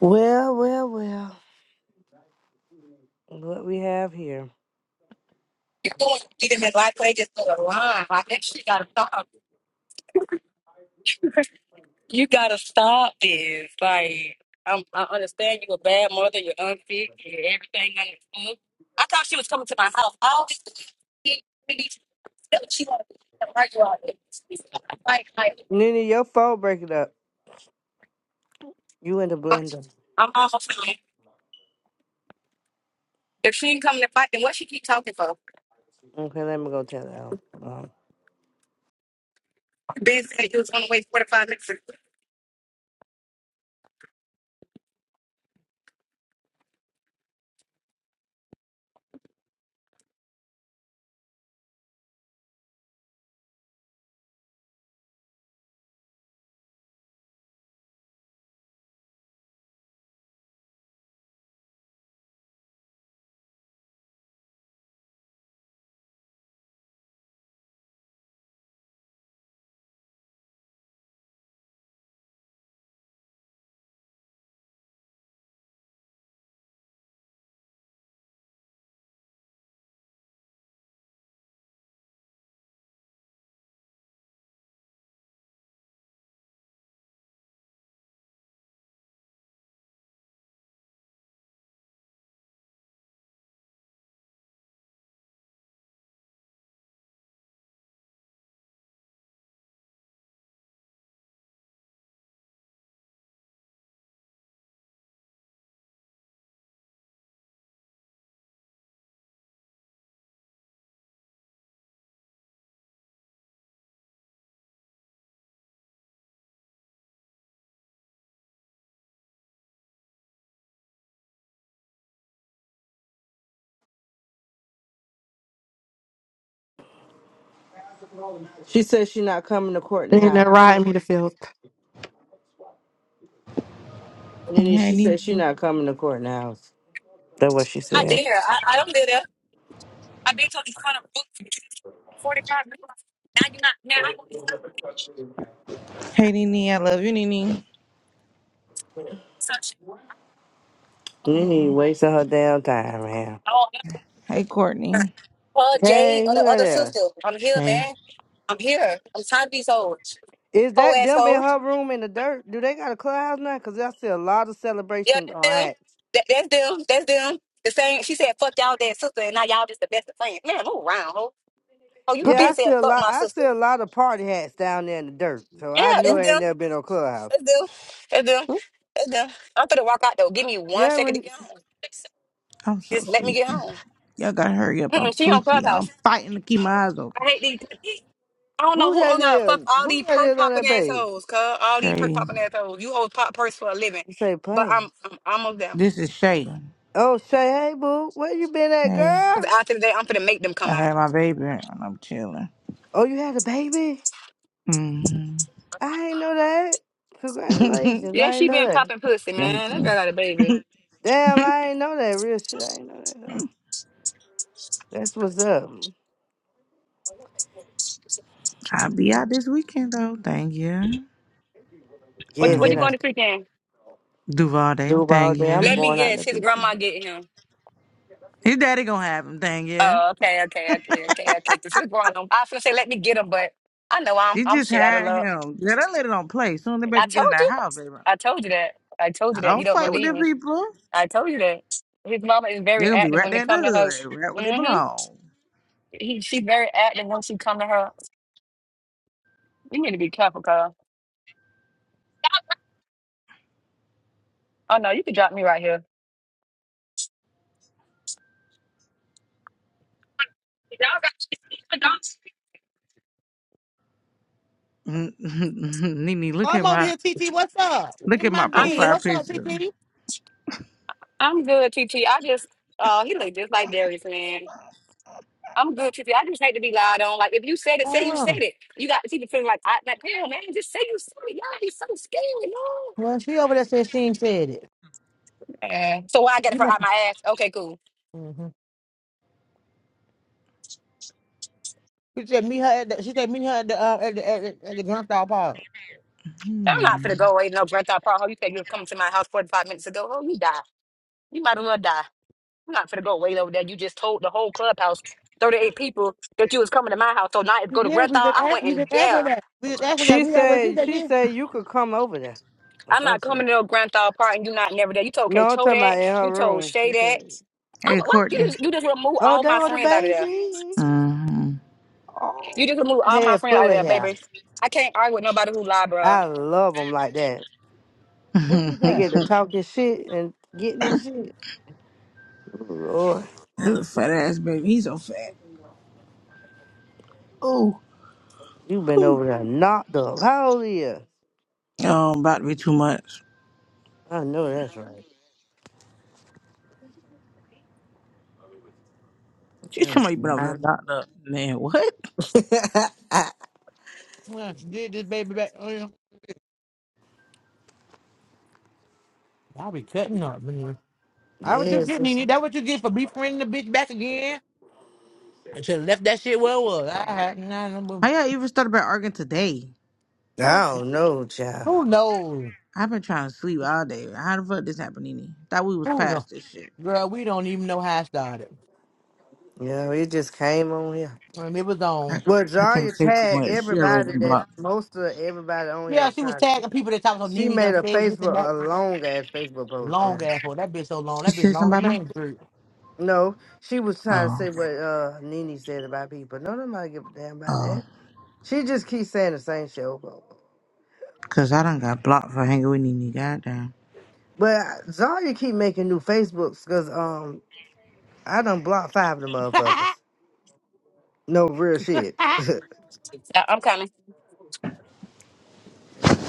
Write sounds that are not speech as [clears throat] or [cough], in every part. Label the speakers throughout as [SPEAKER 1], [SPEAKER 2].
[SPEAKER 1] Well, well, well. What we have here.
[SPEAKER 2] You're going to get him in life just for a line. Like, that shit gotta stop. [laughs] you gotta stop this. Like, I'm, I understand you a bad mother, you're unfit, you're everything under the sun. I thought she was coming to my house. All this shit, that's what [laughs] she wanted to do. Right, you all this. Like, like,
[SPEAKER 1] Nina, your phone breaking up. You in the blender.
[SPEAKER 2] I'm almost done. If she ain't coming to fight, then what she keep talking for?
[SPEAKER 1] Okay, let me go tell her. Um,
[SPEAKER 2] Ben said he was on the way 45 minutes.
[SPEAKER 1] she says she not coming to court in
[SPEAKER 3] And
[SPEAKER 1] the
[SPEAKER 3] then that
[SPEAKER 1] house.
[SPEAKER 3] ride me to filth.
[SPEAKER 1] Nini,
[SPEAKER 4] Hey,
[SPEAKER 1] she says she
[SPEAKER 4] Nene.
[SPEAKER 1] not coming to court in the house. That's what she
[SPEAKER 2] I
[SPEAKER 1] said.
[SPEAKER 2] dare. I, I don't live there. I've been told you kind of book for 45 minutes. Now you're not. Now I don't.
[SPEAKER 4] Hey, Nene. I love you, Nene.
[SPEAKER 2] Such
[SPEAKER 1] Nini
[SPEAKER 4] Damn.
[SPEAKER 1] wasting her damn time, man.
[SPEAKER 2] all
[SPEAKER 4] Hey,
[SPEAKER 2] here.
[SPEAKER 4] Courtney.
[SPEAKER 2] Paul Jade
[SPEAKER 1] Hey,
[SPEAKER 2] or
[SPEAKER 1] who
[SPEAKER 2] the
[SPEAKER 1] that
[SPEAKER 2] other sister.
[SPEAKER 1] is?
[SPEAKER 2] I'm here,
[SPEAKER 4] Shay.
[SPEAKER 2] man. I'm here. I'm tired of these hoes.
[SPEAKER 1] Is
[SPEAKER 2] Whole
[SPEAKER 1] that them in her
[SPEAKER 2] assholes.
[SPEAKER 1] room in the dirt? Do they got a clubhouse now? Cause I see a lot of
[SPEAKER 2] Yeah,
[SPEAKER 1] celebration
[SPEAKER 2] that's
[SPEAKER 1] on
[SPEAKER 2] them.
[SPEAKER 1] hats.
[SPEAKER 2] That, that's them. That's them. The same. She said, fuck y'all that sister, and now y'all just the best of friends. Man, move around, ho. Oh, you
[SPEAKER 1] Yeah, I
[SPEAKER 2] been
[SPEAKER 3] Mm-mm,
[SPEAKER 2] said
[SPEAKER 1] see a
[SPEAKER 2] fuck
[SPEAKER 1] lot.
[SPEAKER 2] my
[SPEAKER 1] I see
[SPEAKER 2] sister.
[SPEAKER 1] a lot of party hats down there in the dirt. So
[SPEAKER 2] Yeah,
[SPEAKER 1] I knew
[SPEAKER 2] that's
[SPEAKER 1] it ain't
[SPEAKER 2] them.
[SPEAKER 1] never been no clubhouse.
[SPEAKER 2] That's them. That's them.
[SPEAKER 3] mm-mm.
[SPEAKER 2] That's them. I'm finna walk out though. Give me one second
[SPEAKER 1] Yeah,
[SPEAKER 2] to get home.
[SPEAKER 4] I'm so
[SPEAKER 2] Just let me get
[SPEAKER 4] sleepy.
[SPEAKER 2] home.
[SPEAKER 4] Y'all gotta hurry up. I'm
[SPEAKER 2] Mm-mm, she on
[SPEAKER 4] sleepy. I'm
[SPEAKER 2] Clubhouse.
[SPEAKER 4] fighting to keep my eyes open.
[SPEAKER 2] I hate these. I don't know
[SPEAKER 1] Who
[SPEAKER 2] who
[SPEAKER 1] that
[SPEAKER 2] on the fuck
[SPEAKER 1] is?
[SPEAKER 2] all
[SPEAKER 1] Who
[SPEAKER 2] these
[SPEAKER 1] that
[SPEAKER 2] perk
[SPEAKER 1] is on
[SPEAKER 2] popping
[SPEAKER 1] that page?
[SPEAKER 2] assholes, hoes, cuz all these perk
[SPEAKER 4] Shay.
[SPEAKER 2] popping assholes. You hoes pop perks for a living,
[SPEAKER 1] This ain't
[SPEAKER 2] but
[SPEAKER 1] playing.
[SPEAKER 2] I'm I'm almost down.
[SPEAKER 4] This is Shay.
[SPEAKER 1] Oh, Shay, hey, boo. Where you been at,
[SPEAKER 4] Hey.
[SPEAKER 2] Cause
[SPEAKER 1] girl?
[SPEAKER 2] after today, I'm finna make them
[SPEAKER 4] I
[SPEAKER 2] come out.
[SPEAKER 4] had my baby and I'm chilling.
[SPEAKER 1] Oh, you had a baby?
[SPEAKER 4] hmm
[SPEAKER 1] I ain't know that.
[SPEAKER 4] [laughs] Thank
[SPEAKER 1] Congratulations.
[SPEAKER 2] Yeah,
[SPEAKER 1] I ain't
[SPEAKER 2] she
[SPEAKER 1] know
[SPEAKER 2] been
[SPEAKER 1] that.
[SPEAKER 2] popping pussy, man. That
[SPEAKER 4] you.
[SPEAKER 2] girl got a baby.
[SPEAKER 1] Damn, I ain't know that. Real shit, I ain't know that, though. That's what's up.
[SPEAKER 4] I'll be out this weekend, though. Thank you.
[SPEAKER 2] What you-
[SPEAKER 1] Yes,
[SPEAKER 2] what
[SPEAKER 1] they
[SPEAKER 2] you
[SPEAKER 4] Hmm.
[SPEAKER 2] going
[SPEAKER 1] done
[SPEAKER 2] to freaking?
[SPEAKER 1] do
[SPEAKER 4] Duvalde.
[SPEAKER 1] all
[SPEAKER 4] Thank
[SPEAKER 1] day.
[SPEAKER 4] you.
[SPEAKER 1] I'm
[SPEAKER 2] Let me
[SPEAKER 1] going out in the
[SPEAKER 2] guess. His
[SPEAKER 1] beach.
[SPEAKER 2] grandma get him.
[SPEAKER 4] His daddy gonna have him. Thank you.
[SPEAKER 2] Oh, okay, okay, okay, okay, okay. Cause his grandma, I was finna say let me get him, but I know I'm
[SPEAKER 4] She
[SPEAKER 2] I'm
[SPEAKER 4] just
[SPEAKER 2] shit out of
[SPEAKER 4] had
[SPEAKER 2] luck.
[SPEAKER 4] him. Girl, that lady don't play. Soon the
[SPEAKER 2] I
[SPEAKER 4] baby get in
[SPEAKER 2] told
[SPEAKER 4] the
[SPEAKER 2] you,
[SPEAKER 4] house, baby.
[SPEAKER 2] I told you that. I told
[SPEAKER 4] I
[SPEAKER 2] you that. You
[SPEAKER 4] don't
[SPEAKER 2] don't
[SPEAKER 4] fight with
[SPEAKER 2] believe
[SPEAKER 4] them
[SPEAKER 2] me.
[SPEAKER 4] people.
[SPEAKER 2] I told you that. His mama is very
[SPEAKER 4] They're gonna be
[SPEAKER 2] active
[SPEAKER 4] right
[SPEAKER 2] when they
[SPEAKER 4] there in
[SPEAKER 2] come to her.
[SPEAKER 4] the hood, right where they
[SPEAKER 2] Mm-hmm.
[SPEAKER 4] belong.
[SPEAKER 2] He, she's very active once you come to her. You need to be careful, Kyle. Oh no, you can drop me right here. Y'all got you, dogs.
[SPEAKER 4] [laughs] Nene, look
[SPEAKER 5] I'm
[SPEAKER 4] at
[SPEAKER 5] over
[SPEAKER 4] my
[SPEAKER 5] here, TT. What's up?
[SPEAKER 4] look
[SPEAKER 5] Get
[SPEAKER 4] at
[SPEAKER 5] my
[SPEAKER 4] my
[SPEAKER 2] I'm
[SPEAKER 5] bean.
[SPEAKER 2] here.
[SPEAKER 4] profile
[SPEAKER 5] What's up,
[SPEAKER 4] picture.
[SPEAKER 5] TT?
[SPEAKER 2] I'm good, TT. I just, uh, he look just like Darius, man. I'm good, TT. I just hate to be lied on. Like if you said it, say you said
[SPEAKER 5] Oh,
[SPEAKER 2] it. You got TT feeling like, I, like, damn, man, just say you said it. Y'all be so scared, man.
[SPEAKER 5] well, she over there said she ain't said it.
[SPEAKER 2] Yeah. So why I get it
[SPEAKER 5] You
[SPEAKER 2] for
[SPEAKER 5] know.
[SPEAKER 2] out my ass? Okay, cool.
[SPEAKER 5] hmm She said meet her at the. She said meet her at the uh, at the at, the- at the gun park.
[SPEAKER 2] I'm not
[SPEAKER 4] Man.
[SPEAKER 2] finna go away no breath out. Paul. You said you were coming to my house 45 minutes ago. Oh, you die. You might as well die. I'm not finna go wait over there. You just told the whole clubhouse, 38 people, that you was coming to my house. So now it's
[SPEAKER 5] She
[SPEAKER 2] go to
[SPEAKER 5] did.
[SPEAKER 2] Granthal.
[SPEAKER 5] We just
[SPEAKER 2] I
[SPEAKER 5] asked.
[SPEAKER 2] went
[SPEAKER 5] We
[SPEAKER 2] in
[SPEAKER 5] just asked her
[SPEAKER 2] there.
[SPEAKER 5] that. We just asked her that.
[SPEAKER 1] She
[SPEAKER 5] We got what she
[SPEAKER 1] said,
[SPEAKER 5] said.
[SPEAKER 1] she
[SPEAKER 5] Yeah.
[SPEAKER 1] said you could come over there. Or
[SPEAKER 2] I'm not
[SPEAKER 1] something.
[SPEAKER 2] coming to no Granthal part and you not never there. You told K
[SPEAKER 1] No, I'm
[SPEAKER 2] Toe
[SPEAKER 1] talking
[SPEAKER 2] that.
[SPEAKER 1] about in
[SPEAKER 2] You
[SPEAKER 1] her
[SPEAKER 2] told
[SPEAKER 1] room.
[SPEAKER 2] Shay
[SPEAKER 1] She said,
[SPEAKER 2] that.
[SPEAKER 4] Hey
[SPEAKER 2] Oh, well, you
[SPEAKER 4] Courtney.
[SPEAKER 2] just you just remove
[SPEAKER 1] oh,
[SPEAKER 2] all
[SPEAKER 1] that
[SPEAKER 2] my
[SPEAKER 1] was the
[SPEAKER 2] friends out of there.
[SPEAKER 1] baby.
[SPEAKER 4] Mm-hmm.
[SPEAKER 2] You just remove
[SPEAKER 1] Oh,
[SPEAKER 2] all my
[SPEAKER 1] head
[SPEAKER 2] friends out
[SPEAKER 1] full
[SPEAKER 2] of
[SPEAKER 1] of
[SPEAKER 2] there,
[SPEAKER 1] hair.
[SPEAKER 2] baby. I can't argue with nobody who lie,
[SPEAKER 1] I
[SPEAKER 2] bro.
[SPEAKER 1] love them like that.
[SPEAKER 5] What she
[SPEAKER 4] [laughs]
[SPEAKER 1] They
[SPEAKER 5] got?
[SPEAKER 1] get to talking shit and getting this shit. Ooh, Lord,
[SPEAKER 4] Little fat ass baby. He's so fat. Oh.
[SPEAKER 1] you been over there knocked up. How old are you?
[SPEAKER 4] Oh, about to be too much.
[SPEAKER 1] I know that's right.
[SPEAKER 4] She's talking about you been over there
[SPEAKER 1] Damn.
[SPEAKER 4] knocked up. Man, what?
[SPEAKER 1] [laughs]
[SPEAKER 5] Well, she did this baby back. Oh, yeah. I'll be cutting up, man. That what you
[SPEAKER 1] yes,
[SPEAKER 5] get,
[SPEAKER 1] it's-
[SPEAKER 5] Nene. That what you get for befriending the bitch back again? I should have left that shit where it was. I had nah, nah,
[SPEAKER 4] How y'all even started about arguing today?
[SPEAKER 5] nah.
[SPEAKER 1] I don't know, child.
[SPEAKER 5] Who knows?
[SPEAKER 4] I've been trying to sleep all day. How the fuck this happened, Nene? Thought we was
[SPEAKER 5] Who knows?
[SPEAKER 4] past this shit.
[SPEAKER 5] Girl, we don't even know how I started.
[SPEAKER 1] You know, it just came on here.
[SPEAKER 5] And it was
[SPEAKER 4] I,
[SPEAKER 5] on.
[SPEAKER 1] Well,
[SPEAKER 4] I can't
[SPEAKER 1] Zarya
[SPEAKER 4] say too
[SPEAKER 1] tagged
[SPEAKER 4] much. She already
[SPEAKER 1] everybody
[SPEAKER 4] done
[SPEAKER 1] that
[SPEAKER 4] blocked me.
[SPEAKER 1] most of everybody on here
[SPEAKER 5] Yeah, she was
[SPEAKER 1] trying to.
[SPEAKER 5] tagging people that talked about
[SPEAKER 1] She
[SPEAKER 5] Nene done
[SPEAKER 1] made a
[SPEAKER 5] said this and
[SPEAKER 1] Facebook
[SPEAKER 5] that.
[SPEAKER 1] a long ass Facebook post,
[SPEAKER 5] Long
[SPEAKER 1] child.
[SPEAKER 5] ass for that bitch so long.
[SPEAKER 4] She
[SPEAKER 5] That bitch
[SPEAKER 4] said
[SPEAKER 5] long
[SPEAKER 4] something
[SPEAKER 5] as
[SPEAKER 4] about me?
[SPEAKER 5] man bird.
[SPEAKER 1] No, she was trying to
[SPEAKER 4] Oh,
[SPEAKER 1] say
[SPEAKER 4] okay.
[SPEAKER 1] what uh Nene said about people. No, nobody give a damn about that.
[SPEAKER 4] Oh.
[SPEAKER 1] She just keeps saying the same shit. over and over.
[SPEAKER 4] Cause I done got blocked for hanging with Nene. Goddamn.
[SPEAKER 1] But Zarya keep making new Facebooks because um I done blocked five of them
[SPEAKER 5] [laughs]
[SPEAKER 1] motherfuckers. No real shit. [laughs]
[SPEAKER 2] I- I'm kind of.
[SPEAKER 1] yeah.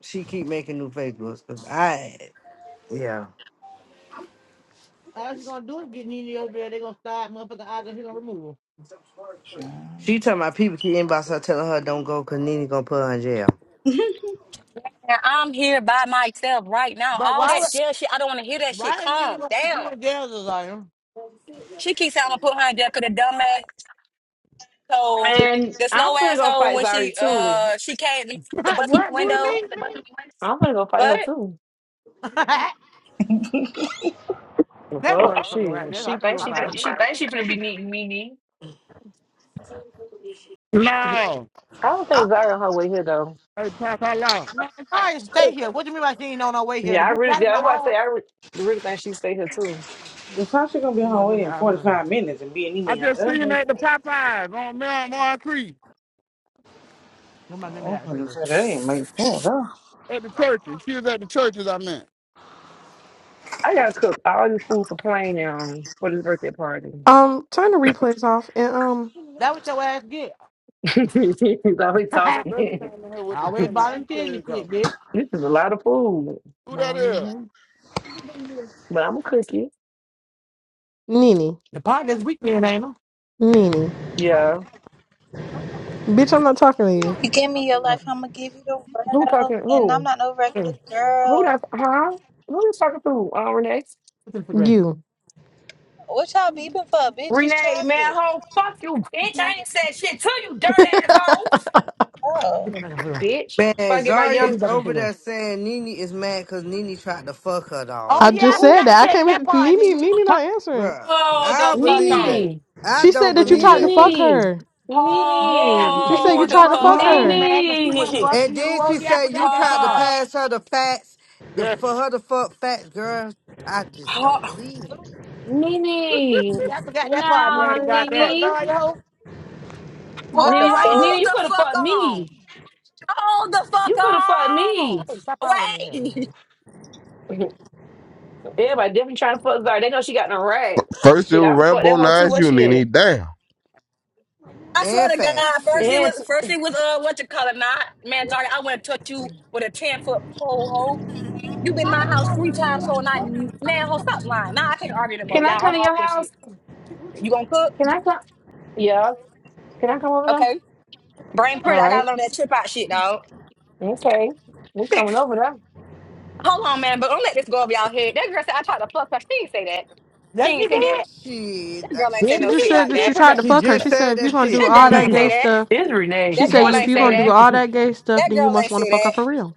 [SPEAKER 1] She keep making new Facebooks because I yeah.
[SPEAKER 5] All she's gonna do is get Nene over there. They gonna start motherfucking arguing. She gonna remove her.
[SPEAKER 1] She tell my people keep inbox her telling her don't go because Nene gonna put her in jail.
[SPEAKER 2] And I'm here by myself right now.
[SPEAKER 5] But
[SPEAKER 2] All
[SPEAKER 5] why would
[SPEAKER 2] that jail shit, I don't want to hear that shit.
[SPEAKER 5] why is Nene
[SPEAKER 2] Calm
[SPEAKER 5] gonna put you
[SPEAKER 2] down.
[SPEAKER 5] in jail, Desire?
[SPEAKER 2] She keeps saying I'm gonna put her in jail 'cause the dumbass. So
[SPEAKER 6] And
[SPEAKER 2] the
[SPEAKER 6] I'm
[SPEAKER 2] slow
[SPEAKER 6] gonna go
[SPEAKER 2] asshole
[SPEAKER 6] fight
[SPEAKER 2] when she
[SPEAKER 6] Zari too.
[SPEAKER 2] uh she came to
[SPEAKER 5] [laughs]
[SPEAKER 2] bust my
[SPEAKER 5] what booty
[SPEAKER 2] window.
[SPEAKER 5] me?
[SPEAKER 6] I'm gonna go fight her
[SPEAKER 2] What?
[SPEAKER 6] too.
[SPEAKER 5] [laughs] that
[SPEAKER 6] The Fuck,
[SPEAKER 5] motherfucker
[SPEAKER 6] she
[SPEAKER 5] right there.
[SPEAKER 6] she
[SPEAKER 5] I'm gonna
[SPEAKER 6] thinks
[SPEAKER 5] go
[SPEAKER 6] she finna
[SPEAKER 5] fire
[SPEAKER 6] be
[SPEAKER 5] her.
[SPEAKER 6] she thinks she finna be needing me knee. I
[SPEAKER 7] No.
[SPEAKER 6] don't think Zari on her way here though.
[SPEAKER 7] Hey, Papa Law.
[SPEAKER 5] Man, sorry, stay here. What do you mean by she ain't on her way here? The
[SPEAKER 6] Yeah, I
[SPEAKER 5] bitch
[SPEAKER 6] really
[SPEAKER 5] gotta
[SPEAKER 6] yeah,
[SPEAKER 5] come
[SPEAKER 6] that's why I
[SPEAKER 5] home.
[SPEAKER 6] say I really, really think she stay here too.
[SPEAKER 4] Natasha gonna be on
[SPEAKER 5] Come
[SPEAKER 4] her
[SPEAKER 5] on, let
[SPEAKER 4] way
[SPEAKER 5] me
[SPEAKER 4] in
[SPEAKER 5] out. Hold on.
[SPEAKER 4] 45 minutes and be in
[SPEAKER 7] I
[SPEAKER 4] Nene. That
[SPEAKER 7] just
[SPEAKER 4] end. not
[SPEAKER 7] seen her
[SPEAKER 4] make
[SPEAKER 7] at the
[SPEAKER 4] sense.
[SPEAKER 7] Popeyes on Melmore Creek
[SPEAKER 5] Come on, let me
[SPEAKER 4] Oh,
[SPEAKER 5] out
[SPEAKER 4] okay,
[SPEAKER 5] here.
[SPEAKER 4] so that ain't make sense, huh?
[SPEAKER 7] at the churches. She was at the churches, I meant.
[SPEAKER 6] I gotta cook all this food for playing um for this birthday party.
[SPEAKER 3] Um, turn the replays off and um,
[SPEAKER 5] That what your ass get.
[SPEAKER 6] [laughs] He's always
[SPEAKER 5] [laughs]
[SPEAKER 7] God, little
[SPEAKER 5] I
[SPEAKER 7] baby
[SPEAKER 6] talking.
[SPEAKER 7] came in here with the
[SPEAKER 6] [laughs]
[SPEAKER 5] always
[SPEAKER 7] turn
[SPEAKER 6] this
[SPEAKER 7] the
[SPEAKER 5] volunteering this
[SPEAKER 7] replays off.
[SPEAKER 5] shit,
[SPEAKER 6] is a lot of food,
[SPEAKER 7] Who that is?
[SPEAKER 5] bitch. The
[SPEAKER 6] but I'm a cookie.
[SPEAKER 3] Nini,
[SPEAKER 5] pot this weekend, ain't it?
[SPEAKER 3] Nini,
[SPEAKER 6] Yeah,
[SPEAKER 3] bitch, I'm not talking to you.
[SPEAKER 8] You give
[SPEAKER 7] I
[SPEAKER 8] me your
[SPEAKER 7] think
[SPEAKER 5] Yeah.
[SPEAKER 8] life, I'ma give you the
[SPEAKER 6] who
[SPEAKER 8] world.
[SPEAKER 6] talking?
[SPEAKER 8] And I'm
[SPEAKER 6] Who?
[SPEAKER 8] not no
[SPEAKER 5] Anyway, Put it
[SPEAKER 8] regular
[SPEAKER 5] in
[SPEAKER 6] Who
[SPEAKER 8] girl.
[SPEAKER 6] that's? Huh? Who is talking food? Uh, Renee?
[SPEAKER 5] the refrigerator.
[SPEAKER 3] You.
[SPEAKER 8] What y'all
[SPEAKER 5] Put
[SPEAKER 8] beeping for? Bitch, it's
[SPEAKER 6] Renee, man,
[SPEAKER 8] traffic.
[SPEAKER 6] hoe, fuck you, bitch. I ain't said shit to you, dirt ass hoe.
[SPEAKER 5] it back
[SPEAKER 8] Oh.
[SPEAKER 5] in the refrigerator.
[SPEAKER 6] Bitch.
[SPEAKER 1] Man,
[SPEAKER 6] Fuck get my
[SPEAKER 5] Put
[SPEAKER 6] young.
[SPEAKER 5] it
[SPEAKER 1] Zarya's
[SPEAKER 5] back in the
[SPEAKER 1] over
[SPEAKER 5] refrigerator.
[SPEAKER 1] there saying Nene is mad because Nene tried to fuck her
[SPEAKER 3] [laughs]
[SPEAKER 5] Oh
[SPEAKER 1] dog.
[SPEAKER 3] I
[SPEAKER 5] yeah, I
[SPEAKER 3] just
[SPEAKER 6] Ooh.
[SPEAKER 3] said
[SPEAKER 5] forgot to
[SPEAKER 3] that. I
[SPEAKER 5] tell you
[SPEAKER 3] came
[SPEAKER 5] that
[SPEAKER 3] here.
[SPEAKER 5] part,
[SPEAKER 3] Nini,
[SPEAKER 5] Nene.
[SPEAKER 3] Nini not answering.
[SPEAKER 1] Bruh,
[SPEAKER 2] Hold the
[SPEAKER 1] I
[SPEAKER 2] fuck
[SPEAKER 1] believe that.
[SPEAKER 2] on.
[SPEAKER 6] Nene.
[SPEAKER 1] I
[SPEAKER 3] She
[SPEAKER 1] don't
[SPEAKER 3] said that you
[SPEAKER 1] believe
[SPEAKER 3] tried to
[SPEAKER 1] that though.
[SPEAKER 3] fuck
[SPEAKER 6] Nene.
[SPEAKER 3] her.
[SPEAKER 5] Yeah,
[SPEAKER 6] Nene.
[SPEAKER 5] she
[SPEAKER 3] She
[SPEAKER 5] said you
[SPEAKER 3] said you
[SPEAKER 2] Hold
[SPEAKER 5] wanted to
[SPEAKER 2] the
[SPEAKER 3] tried to
[SPEAKER 5] fuck
[SPEAKER 2] fuck
[SPEAKER 3] fuck
[SPEAKER 5] her. You
[SPEAKER 2] on.
[SPEAKER 3] her.
[SPEAKER 5] mad because she wanted to
[SPEAKER 6] Nene.
[SPEAKER 5] fuck
[SPEAKER 1] And
[SPEAKER 5] you.
[SPEAKER 1] then
[SPEAKER 5] Oh
[SPEAKER 1] she
[SPEAKER 5] yeah, I
[SPEAKER 1] said you
[SPEAKER 5] forgot that
[SPEAKER 1] tried to
[SPEAKER 5] part.
[SPEAKER 2] Hold,
[SPEAKER 1] pass her the facts, the
[SPEAKER 7] that's
[SPEAKER 1] for her to fuck facts, girl. I just
[SPEAKER 2] hold,
[SPEAKER 1] don't believe it.
[SPEAKER 6] Nene.
[SPEAKER 5] Yeah, I forgot that part,
[SPEAKER 7] you
[SPEAKER 5] Nene.
[SPEAKER 6] Nah,
[SPEAKER 7] right
[SPEAKER 5] You was trying
[SPEAKER 7] about
[SPEAKER 5] to
[SPEAKER 7] that.
[SPEAKER 5] fuck
[SPEAKER 6] Nene.
[SPEAKER 5] Dario?
[SPEAKER 8] What the
[SPEAKER 6] Nene, right?
[SPEAKER 8] fuck?
[SPEAKER 6] Nene,
[SPEAKER 2] hold
[SPEAKER 6] you
[SPEAKER 2] the
[SPEAKER 6] could have
[SPEAKER 2] fuck
[SPEAKER 6] fucked
[SPEAKER 2] on.
[SPEAKER 6] me.
[SPEAKER 2] Hold the fuck
[SPEAKER 6] You could have fucked
[SPEAKER 2] on.
[SPEAKER 6] me.
[SPEAKER 5] Hey, stop hollering in here.
[SPEAKER 2] Wait.
[SPEAKER 6] [laughs] Everybody definitely trying to fuck Zara. They know she got no rags.
[SPEAKER 9] First it
[SPEAKER 6] Shit,
[SPEAKER 9] was
[SPEAKER 6] I'm fuck that
[SPEAKER 9] Rambo
[SPEAKER 6] hoe too.
[SPEAKER 9] Nines
[SPEAKER 6] Where
[SPEAKER 9] you Damn,
[SPEAKER 6] she at?
[SPEAKER 5] Yes,
[SPEAKER 2] I swear
[SPEAKER 1] And
[SPEAKER 2] to God,
[SPEAKER 1] facts,
[SPEAKER 2] first it
[SPEAKER 1] shit,
[SPEAKER 6] And
[SPEAKER 2] was first it was uh what you call it not man sorry I went to touch you with a ten foot pole hoe. You been in my house three times, so not man, ho, stop lying. Nah, I can't argue no more,
[SPEAKER 6] can I
[SPEAKER 2] y'all.
[SPEAKER 6] come
[SPEAKER 2] I'm
[SPEAKER 6] to your
[SPEAKER 2] off this shit.
[SPEAKER 6] house?
[SPEAKER 5] she
[SPEAKER 2] You gonna
[SPEAKER 5] did.
[SPEAKER 2] cook?
[SPEAKER 6] Can I come? Yeah. Can I come over there?
[SPEAKER 2] Okay. Brain
[SPEAKER 6] All
[SPEAKER 2] pretty. I
[SPEAKER 6] right.
[SPEAKER 2] gotta learn that trip out shit, dog. [laughs]
[SPEAKER 6] Okay. We're coming over
[SPEAKER 2] Hold on, man, but don't let this go over y'all head. That girl said I tried to fuck her. She ain't say that. She
[SPEAKER 5] Did
[SPEAKER 2] ain't say that.
[SPEAKER 1] shit.
[SPEAKER 2] That girl
[SPEAKER 1] that-
[SPEAKER 2] ain't say
[SPEAKER 3] She
[SPEAKER 2] no
[SPEAKER 5] me?
[SPEAKER 3] just
[SPEAKER 2] shit
[SPEAKER 5] Yes,
[SPEAKER 3] said
[SPEAKER 2] like
[SPEAKER 5] she
[SPEAKER 3] that
[SPEAKER 5] did.
[SPEAKER 3] you
[SPEAKER 2] that.
[SPEAKER 5] Put it
[SPEAKER 3] tried
[SPEAKER 5] back.
[SPEAKER 3] to
[SPEAKER 1] She
[SPEAKER 3] fuck her.
[SPEAKER 1] just
[SPEAKER 3] She said
[SPEAKER 1] said
[SPEAKER 3] if you're
[SPEAKER 1] that
[SPEAKER 3] gonna do
[SPEAKER 1] shit.
[SPEAKER 2] That
[SPEAKER 5] Don't
[SPEAKER 3] all
[SPEAKER 5] get
[SPEAKER 2] girl
[SPEAKER 5] my
[SPEAKER 3] that
[SPEAKER 2] ain't
[SPEAKER 6] there. [laughs]
[SPEAKER 2] say
[SPEAKER 3] gay
[SPEAKER 5] alcohol.
[SPEAKER 2] that.
[SPEAKER 3] stuff,
[SPEAKER 6] It's Renee.
[SPEAKER 3] she
[SPEAKER 2] That
[SPEAKER 6] [laughs]
[SPEAKER 3] said
[SPEAKER 2] girl
[SPEAKER 6] What
[SPEAKER 3] if
[SPEAKER 6] you
[SPEAKER 2] ain't
[SPEAKER 3] you're
[SPEAKER 6] say?
[SPEAKER 2] say
[SPEAKER 3] gonna do
[SPEAKER 2] that.
[SPEAKER 3] all that gay stuff,
[SPEAKER 2] That
[SPEAKER 3] then you
[SPEAKER 2] girl
[SPEAKER 3] must
[SPEAKER 2] ain't
[SPEAKER 3] want to
[SPEAKER 2] say
[SPEAKER 3] fuck her
[SPEAKER 2] that.
[SPEAKER 3] for real.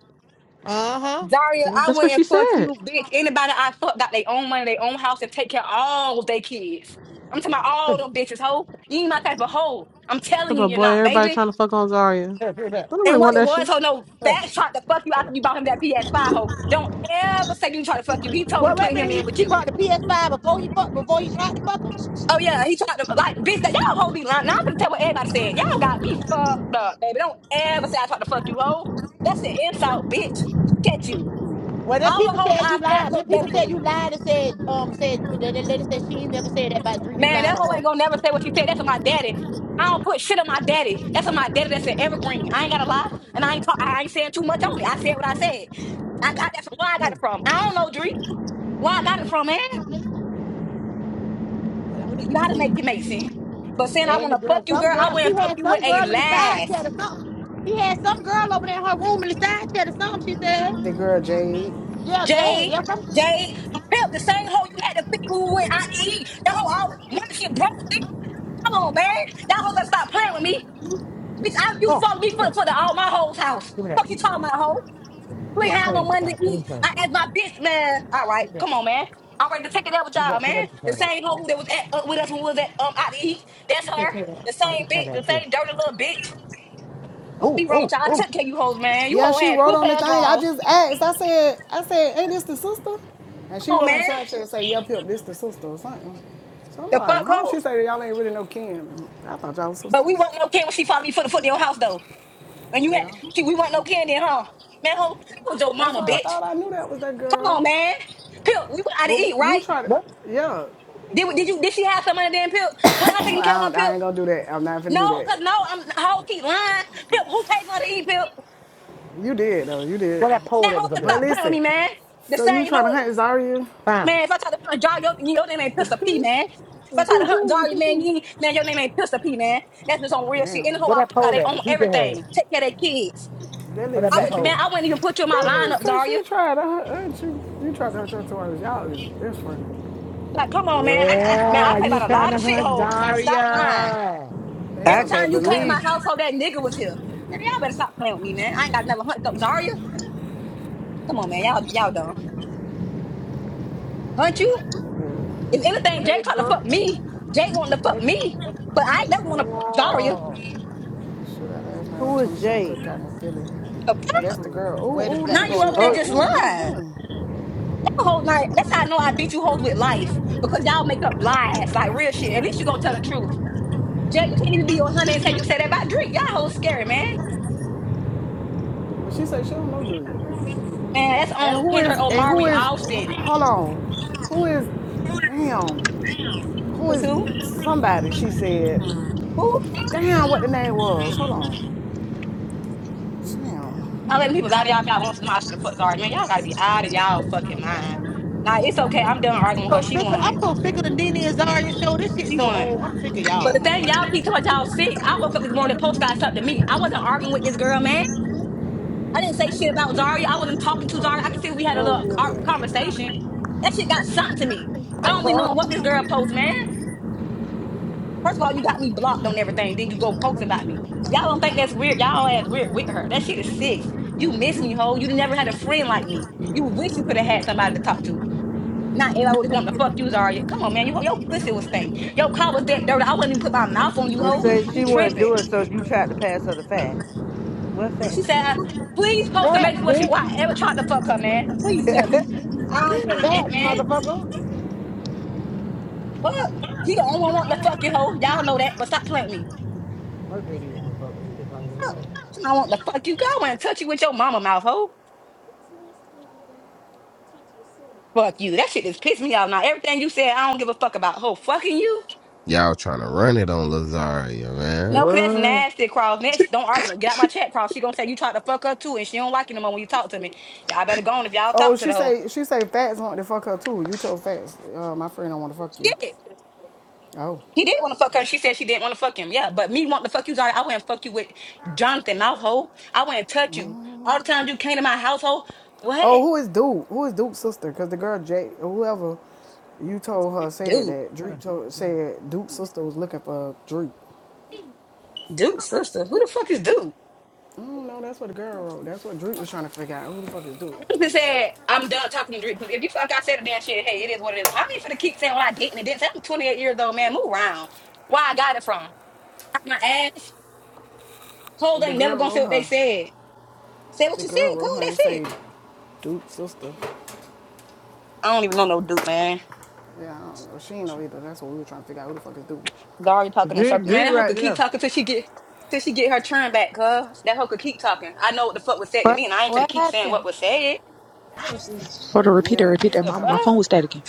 [SPEAKER 5] Uh huh.
[SPEAKER 6] [laughs]
[SPEAKER 2] Daria,
[SPEAKER 6] Renee?
[SPEAKER 2] I
[SPEAKER 3] That's
[SPEAKER 2] went
[SPEAKER 3] what she
[SPEAKER 2] and fuck
[SPEAKER 3] said.
[SPEAKER 2] you, bitch. Anybody I fucked got their own money, their own house, and take care of all their kids. I'm talking about all them bitches, hoe. You ain't my type of hoe. I'm telling you,
[SPEAKER 3] But
[SPEAKER 2] you're
[SPEAKER 3] boy,
[SPEAKER 2] not,
[SPEAKER 3] everybody
[SPEAKER 2] baby.
[SPEAKER 3] trying to fuck on Zarya.
[SPEAKER 5] Here, put it back.
[SPEAKER 3] I don't really
[SPEAKER 2] And
[SPEAKER 3] want
[SPEAKER 2] what it
[SPEAKER 3] that shit.
[SPEAKER 2] was, ho, no,
[SPEAKER 5] Here,
[SPEAKER 2] Fat tried to fuck you
[SPEAKER 5] put it back.
[SPEAKER 2] after you bought him that PS5, ho. Don't ever say you tried to fuck you. He told me
[SPEAKER 5] Well,
[SPEAKER 2] to
[SPEAKER 5] wait a
[SPEAKER 2] put him
[SPEAKER 5] minute. He,
[SPEAKER 2] in with
[SPEAKER 5] he
[SPEAKER 2] you.
[SPEAKER 5] brought the PS5 before he fuck, before he tried to fuck him.
[SPEAKER 2] Oh, yeah, he tried to, like, bitch, that y'all hold these line. Now I'm gonna tell what everybody said. Y'all got me fucked up, baby. Don't ever say I tried to fuck you, ho. That's an insult, bitch. Look at you.
[SPEAKER 5] Well, then
[SPEAKER 2] All
[SPEAKER 5] people
[SPEAKER 2] the hoes
[SPEAKER 5] said
[SPEAKER 2] I
[SPEAKER 5] you
[SPEAKER 2] fuck
[SPEAKER 5] lied.
[SPEAKER 2] look
[SPEAKER 5] Then people
[SPEAKER 2] better than
[SPEAKER 5] said you
[SPEAKER 2] you.
[SPEAKER 5] lied and said um said the, the lady said she ain't never said that about Dre. You
[SPEAKER 2] Man,
[SPEAKER 5] lying
[SPEAKER 2] that
[SPEAKER 5] on
[SPEAKER 2] hoe
[SPEAKER 5] her.
[SPEAKER 2] ain't gonna never say what she said. That's on my daddy. I don't put shit on my daddy. That's on my daddy. That's an evergreen. I ain't gotta lie, and I ain't talk, I ain't saying too much on it. I said what I said. I got that from where I got it
[SPEAKER 5] No,
[SPEAKER 2] from. I don't know, Dree. Where I got it from, man?
[SPEAKER 5] fucking trash. Well, that's what the
[SPEAKER 2] You
[SPEAKER 5] people
[SPEAKER 2] gotta
[SPEAKER 5] said.
[SPEAKER 2] make it make sense. But saying I
[SPEAKER 5] And the
[SPEAKER 2] wanna fuck
[SPEAKER 5] girl,
[SPEAKER 2] you,
[SPEAKER 5] some
[SPEAKER 2] girl, I
[SPEAKER 5] girl, she
[SPEAKER 2] wouldn't fuck
[SPEAKER 5] had
[SPEAKER 2] you with
[SPEAKER 5] some
[SPEAKER 2] a
[SPEAKER 5] girl in the side
[SPEAKER 2] last.
[SPEAKER 5] chat or something. She had some girl over there in her room in the side chat or something. She said,
[SPEAKER 10] The girl Jade.
[SPEAKER 5] "Yeah, Jay,
[SPEAKER 2] Jade,
[SPEAKER 5] yeah, some
[SPEAKER 2] Jade, help the same hoe you had to feed who went out to eat. That hoe always wanted shit broke. bitch. Come on, man. That hoe gonna stop playing with me. Bitch, I you
[SPEAKER 5] Oh,
[SPEAKER 2] follow me for,
[SPEAKER 5] oh,
[SPEAKER 2] for the all my hoes house.
[SPEAKER 5] give me that.
[SPEAKER 2] Fuck you talking about hoe. You
[SPEAKER 5] This
[SPEAKER 2] ain't have no
[SPEAKER 5] train,
[SPEAKER 2] money
[SPEAKER 5] guys.
[SPEAKER 2] to
[SPEAKER 5] Give me
[SPEAKER 2] eat.
[SPEAKER 5] that.
[SPEAKER 2] I asked my bitch, man. All right,
[SPEAKER 5] Give me that.
[SPEAKER 2] come on, man. I'm ready to take it up with
[SPEAKER 5] Give me
[SPEAKER 2] y'all, man.
[SPEAKER 5] that. Give me
[SPEAKER 2] The
[SPEAKER 5] that.
[SPEAKER 2] same hoe that was at, up with us when we was at um out to eat. That's
[SPEAKER 5] Here,
[SPEAKER 2] her.
[SPEAKER 5] here,
[SPEAKER 2] The
[SPEAKER 5] I
[SPEAKER 2] same
[SPEAKER 5] can cut
[SPEAKER 2] bitch, the
[SPEAKER 5] that here.
[SPEAKER 2] same dirty little bitch.
[SPEAKER 5] Oh,
[SPEAKER 2] Be wrong
[SPEAKER 5] oh,
[SPEAKER 2] with y'all. I
[SPEAKER 5] oh.
[SPEAKER 2] took care of you hoes, man. You
[SPEAKER 10] Yeah,
[SPEAKER 2] hoes
[SPEAKER 10] she
[SPEAKER 2] had
[SPEAKER 10] wrote
[SPEAKER 2] two
[SPEAKER 10] on the
[SPEAKER 2] pair of
[SPEAKER 10] thing. I
[SPEAKER 2] draws.
[SPEAKER 10] just asked. I said, I said, ain't this the sister? And she
[SPEAKER 2] Come on,
[SPEAKER 10] wrote on the
[SPEAKER 2] man.
[SPEAKER 10] side check and say, Yep, yep, this the sister or something. So I'm
[SPEAKER 2] The
[SPEAKER 10] like,
[SPEAKER 2] fuck
[SPEAKER 10] huh? She
[SPEAKER 2] hoe?
[SPEAKER 10] said y'all ain't really no kin. I thought y'all was
[SPEAKER 2] But we
[SPEAKER 10] sisters.
[SPEAKER 2] weren't no kin when she found me for the foot in your house though. And you had
[SPEAKER 10] Yeah.
[SPEAKER 2] she, we weren't no kin then, huh? Man, hoe, I was your
[SPEAKER 10] That's
[SPEAKER 2] mama,
[SPEAKER 10] why
[SPEAKER 5] All
[SPEAKER 10] I
[SPEAKER 5] right.
[SPEAKER 2] bitch.
[SPEAKER 10] thought I knew that was that
[SPEAKER 2] Come on,
[SPEAKER 10] girl.
[SPEAKER 2] man. Pip, we went out to
[SPEAKER 10] But
[SPEAKER 2] eat,
[SPEAKER 10] you
[SPEAKER 2] right?
[SPEAKER 10] try to
[SPEAKER 5] Look,
[SPEAKER 10] yeah.
[SPEAKER 2] Did, we- did you did she have some of the damn pip?
[SPEAKER 10] [clears throat]
[SPEAKER 2] Wasn't I taking care
[SPEAKER 10] I,
[SPEAKER 2] of her
[SPEAKER 10] don't, I
[SPEAKER 2] pip?
[SPEAKER 10] ain't gonna do that. I'm not finna
[SPEAKER 2] No,
[SPEAKER 10] do that.
[SPEAKER 2] cause no, I'm hoe keep lying. Pip, who paid for her to eat pip?
[SPEAKER 10] You did though, you did.
[SPEAKER 5] where that pole
[SPEAKER 2] That
[SPEAKER 5] that
[SPEAKER 2] hoe
[SPEAKER 5] was up
[SPEAKER 2] better
[SPEAKER 5] there?
[SPEAKER 10] But
[SPEAKER 2] stop playing with
[SPEAKER 10] listen,
[SPEAKER 2] me, man. The
[SPEAKER 10] so you
[SPEAKER 2] same
[SPEAKER 10] trying to hunt
[SPEAKER 2] hoes.
[SPEAKER 10] Zaria?
[SPEAKER 5] Found.
[SPEAKER 2] Man, if I try to hunt dog, your, your name ain't Pistol P, man. If I try to hunt dog, man, you ain't, man, your name ain't Pistol P, man. That's just on real shit. In the
[SPEAKER 10] Damn.
[SPEAKER 2] whole
[SPEAKER 5] Where
[SPEAKER 2] I
[SPEAKER 5] that
[SPEAKER 2] got
[SPEAKER 5] pole
[SPEAKER 2] they
[SPEAKER 5] at?
[SPEAKER 2] own
[SPEAKER 5] We can have it.
[SPEAKER 2] everything. Take care of their kids.
[SPEAKER 10] That
[SPEAKER 5] Where
[SPEAKER 10] lady
[SPEAKER 5] that
[SPEAKER 2] I
[SPEAKER 10] say,
[SPEAKER 5] black
[SPEAKER 2] would, man,
[SPEAKER 5] pole?
[SPEAKER 2] I wouldn't even put you in
[SPEAKER 10] [laughs]
[SPEAKER 2] my
[SPEAKER 10] that lady
[SPEAKER 2] lineup,
[SPEAKER 10] say
[SPEAKER 2] Zarya.
[SPEAKER 10] she tried to hunt you. You tried to hunt your toys. Y'all is that's funny.
[SPEAKER 2] Like, come on, man. I, I, man, I
[SPEAKER 10] Oh
[SPEAKER 5] Yeah,
[SPEAKER 2] play
[SPEAKER 5] you was
[SPEAKER 2] about a
[SPEAKER 5] trying
[SPEAKER 10] shit,
[SPEAKER 2] lot
[SPEAKER 5] to
[SPEAKER 2] of
[SPEAKER 5] hunt
[SPEAKER 2] shithole, but stop lying.
[SPEAKER 5] Zaria.
[SPEAKER 10] they
[SPEAKER 1] I
[SPEAKER 2] Every
[SPEAKER 10] talking
[SPEAKER 2] time
[SPEAKER 1] can't
[SPEAKER 2] you
[SPEAKER 10] about
[SPEAKER 2] came to
[SPEAKER 10] that.
[SPEAKER 1] believe
[SPEAKER 2] my household, that nigga was here. Man, y'all better stop playing with me, man. I ain't got never hunt dog, Come on, man. Y'all, y'all dumb. Hunt you? If anything, Jay
[SPEAKER 5] Baby
[SPEAKER 2] tried to
[SPEAKER 5] girl.
[SPEAKER 2] fuck me. Jay wanted to fuck
[SPEAKER 5] Baby,
[SPEAKER 2] me,
[SPEAKER 5] baby,
[SPEAKER 2] but I ain't
[SPEAKER 5] baby
[SPEAKER 2] never want to fuck Zarya.
[SPEAKER 5] girl.
[SPEAKER 10] Shootout last night on
[SPEAKER 1] who is
[SPEAKER 10] 27
[SPEAKER 1] Jay.
[SPEAKER 10] Cookout in Philly.
[SPEAKER 5] You got your
[SPEAKER 10] That's the
[SPEAKER 5] food.
[SPEAKER 10] girl.
[SPEAKER 5] Where
[SPEAKER 10] Ooh,
[SPEAKER 5] the
[SPEAKER 10] ooh, look
[SPEAKER 2] Now
[SPEAKER 5] black
[SPEAKER 10] at the
[SPEAKER 2] you
[SPEAKER 5] pole
[SPEAKER 2] over there
[SPEAKER 5] at?
[SPEAKER 1] Oh,
[SPEAKER 10] shootout.
[SPEAKER 2] just
[SPEAKER 10] Ooh, boom,
[SPEAKER 2] lying.
[SPEAKER 10] boom.
[SPEAKER 2] Y'all hold night. That's how I know I beat you hoes with life because y'all make up lies like real shit. At least you gonna tell the truth. Jay, you can't even be your honey and say you said that about Drake. Y'all hoes scary, man.
[SPEAKER 10] Well, she said she don't know Drake.
[SPEAKER 2] Man, that's
[SPEAKER 10] And
[SPEAKER 2] on
[SPEAKER 10] who is?
[SPEAKER 2] Kendra
[SPEAKER 10] And who
[SPEAKER 2] Omari
[SPEAKER 10] is?
[SPEAKER 2] Austin.
[SPEAKER 10] Hold on. Who is? Damn. Who
[SPEAKER 2] Was
[SPEAKER 10] is
[SPEAKER 2] who?
[SPEAKER 10] somebody? She said.
[SPEAKER 2] Who?
[SPEAKER 10] Damn, what the name was? Hold on. Damn.
[SPEAKER 2] Y'all letting people out of y'all if y'all want to them out to the fuck. Sorry, man. Y'all gotta be out of y'all fucking mind. Nah, it's okay. I'm done arguing with
[SPEAKER 5] So
[SPEAKER 2] her. She
[SPEAKER 5] sick of, I'm
[SPEAKER 2] won.
[SPEAKER 5] so sick of the Nene and Zaria show. This shit
[SPEAKER 2] She
[SPEAKER 5] so
[SPEAKER 2] won.
[SPEAKER 5] old. I'm sick of
[SPEAKER 2] But the
[SPEAKER 5] y'all.
[SPEAKER 2] thing y'all keep talking about y'all sick. I woke up this morning, the post got something to me. I wasn't arguing with this girl, man. I didn't say shit about Zaria. I wasn't talking to Zaria. I could see we had a
[SPEAKER 5] Oh,
[SPEAKER 2] little
[SPEAKER 5] who is
[SPEAKER 2] our
[SPEAKER 5] that?
[SPEAKER 2] conversation. That shit got sent to me. I don't be
[SPEAKER 5] [laughs]
[SPEAKER 2] knowing what this girl posts, man. First of all, you got me blocked on everything. Then you go post about me. If y'all don't think that's weird, y'all ass weird with her. That shit is sick. You miss me, ho. You never had a friend like me. You wish you could have had somebody to talk to. Not everybody would want to fuck you, Zaria. Come on, man. Your, your pussy was stank. Your car was that dirty. I wouldn't even put my mouth on you,
[SPEAKER 1] and
[SPEAKER 2] ho.
[SPEAKER 1] say
[SPEAKER 2] You
[SPEAKER 1] she wouldn't do
[SPEAKER 2] tripping.
[SPEAKER 1] it, so you tried to pass her the facts. What
[SPEAKER 2] She
[SPEAKER 1] facts?
[SPEAKER 2] said, uh, please post a
[SPEAKER 5] Facts,
[SPEAKER 2] message what you
[SPEAKER 5] bitch.
[SPEAKER 2] why ever tried to fuck her, man. Please
[SPEAKER 1] [laughs]
[SPEAKER 2] tell me. I don't play like that,
[SPEAKER 5] Facts,
[SPEAKER 2] man.
[SPEAKER 5] motherfucker.
[SPEAKER 2] What? He the only one want to fuck you, hoe. Y'all know that, but stop playing with me.
[SPEAKER 5] Mercury didn't want to fuck with him. He just don't get money.
[SPEAKER 2] I want to fuck you. Go and touch you with your mama mouth, hoe. Fuck you. That shit just pissed me off now. Everything you said, I don't give a fuck about, hoe. Fucking you?
[SPEAKER 9] Y'all trying to run it on Lazaria, man.
[SPEAKER 2] No, cause that's
[SPEAKER 1] what?
[SPEAKER 2] nasty, Cross. Next, don't argue. no, Get out my chat, Cross. She gonna say you tried to fuck her too, and she don't like you no more when you talk to me. Y'all better go on if y'all
[SPEAKER 10] Oh,
[SPEAKER 2] talk to
[SPEAKER 10] she
[SPEAKER 2] the hoe.
[SPEAKER 10] say she say Fats want to fuck her too. You told Fats, uh, my friend, don't want to fuck you.
[SPEAKER 2] Shit.
[SPEAKER 10] Oh,
[SPEAKER 2] He did want to fuck her. She said she didn't want to fuck him. Yeah, but me wanting to fuck you, Johnny, I wouldn't fuck you with Jonathan Mouthhole. I wouldn't touch you. All the time you came to my household,
[SPEAKER 10] oh,
[SPEAKER 2] what?
[SPEAKER 10] who is Duke? Who is Duke's sister? Cause the girl Jay, whoever you told her said
[SPEAKER 2] Dude,
[SPEAKER 10] that Drake told said Duke's sister was looking for Drake.
[SPEAKER 2] dude, sister, who the fuck is dude?
[SPEAKER 10] Mm, no, that's what the girl wrote. That's what Drake was trying to figure out. Who the fuck is Duke?
[SPEAKER 2] You just said, I'm done talking to Drake. 'Cause If you fuck, I said the damn shit, hey, it is what it is. I ain't finna keep saying what I did and it didn't. I'm 28 years old, man. Move around. Where I got it from? Out My ass. Cold
[SPEAKER 10] The
[SPEAKER 2] ain't never
[SPEAKER 10] girl
[SPEAKER 2] gonna say
[SPEAKER 10] wrote
[SPEAKER 2] what they
[SPEAKER 10] her.
[SPEAKER 2] said. Say what
[SPEAKER 10] The
[SPEAKER 2] you
[SPEAKER 10] girl
[SPEAKER 2] said,
[SPEAKER 10] wrote
[SPEAKER 2] cool,
[SPEAKER 10] her and
[SPEAKER 2] that's
[SPEAKER 10] say
[SPEAKER 2] it.
[SPEAKER 10] Duke's sister.
[SPEAKER 2] I don't even know no dude, man.
[SPEAKER 10] Yeah, I don't know. She ain't know either. That's what we were trying to figure out. Who the fuck is Duke?
[SPEAKER 2] Daria talking in
[SPEAKER 1] Drink,
[SPEAKER 2] circles. Man,
[SPEAKER 1] drink
[SPEAKER 2] that hoe
[SPEAKER 1] right
[SPEAKER 2] could
[SPEAKER 1] there.
[SPEAKER 2] keep talking till she get till she get her turn back, cuz. That hoe could keep talking. I know what the fuck was said to
[SPEAKER 11] What
[SPEAKER 2] me, and I ain't gonna
[SPEAKER 11] what
[SPEAKER 2] keep saying what
[SPEAKER 11] happened?
[SPEAKER 2] was said.
[SPEAKER 12] Hold on, repeat it,
[SPEAKER 10] Yeah, I
[SPEAKER 12] repeat
[SPEAKER 10] guess
[SPEAKER 12] that.
[SPEAKER 10] I'm
[SPEAKER 2] The
[SPEAKER 12] My, my
[SPEAKER 10] talking.
[SPEAKER 12] phone
[SPEAKER 2] fuck?
[SPEAKER 12] was dead again.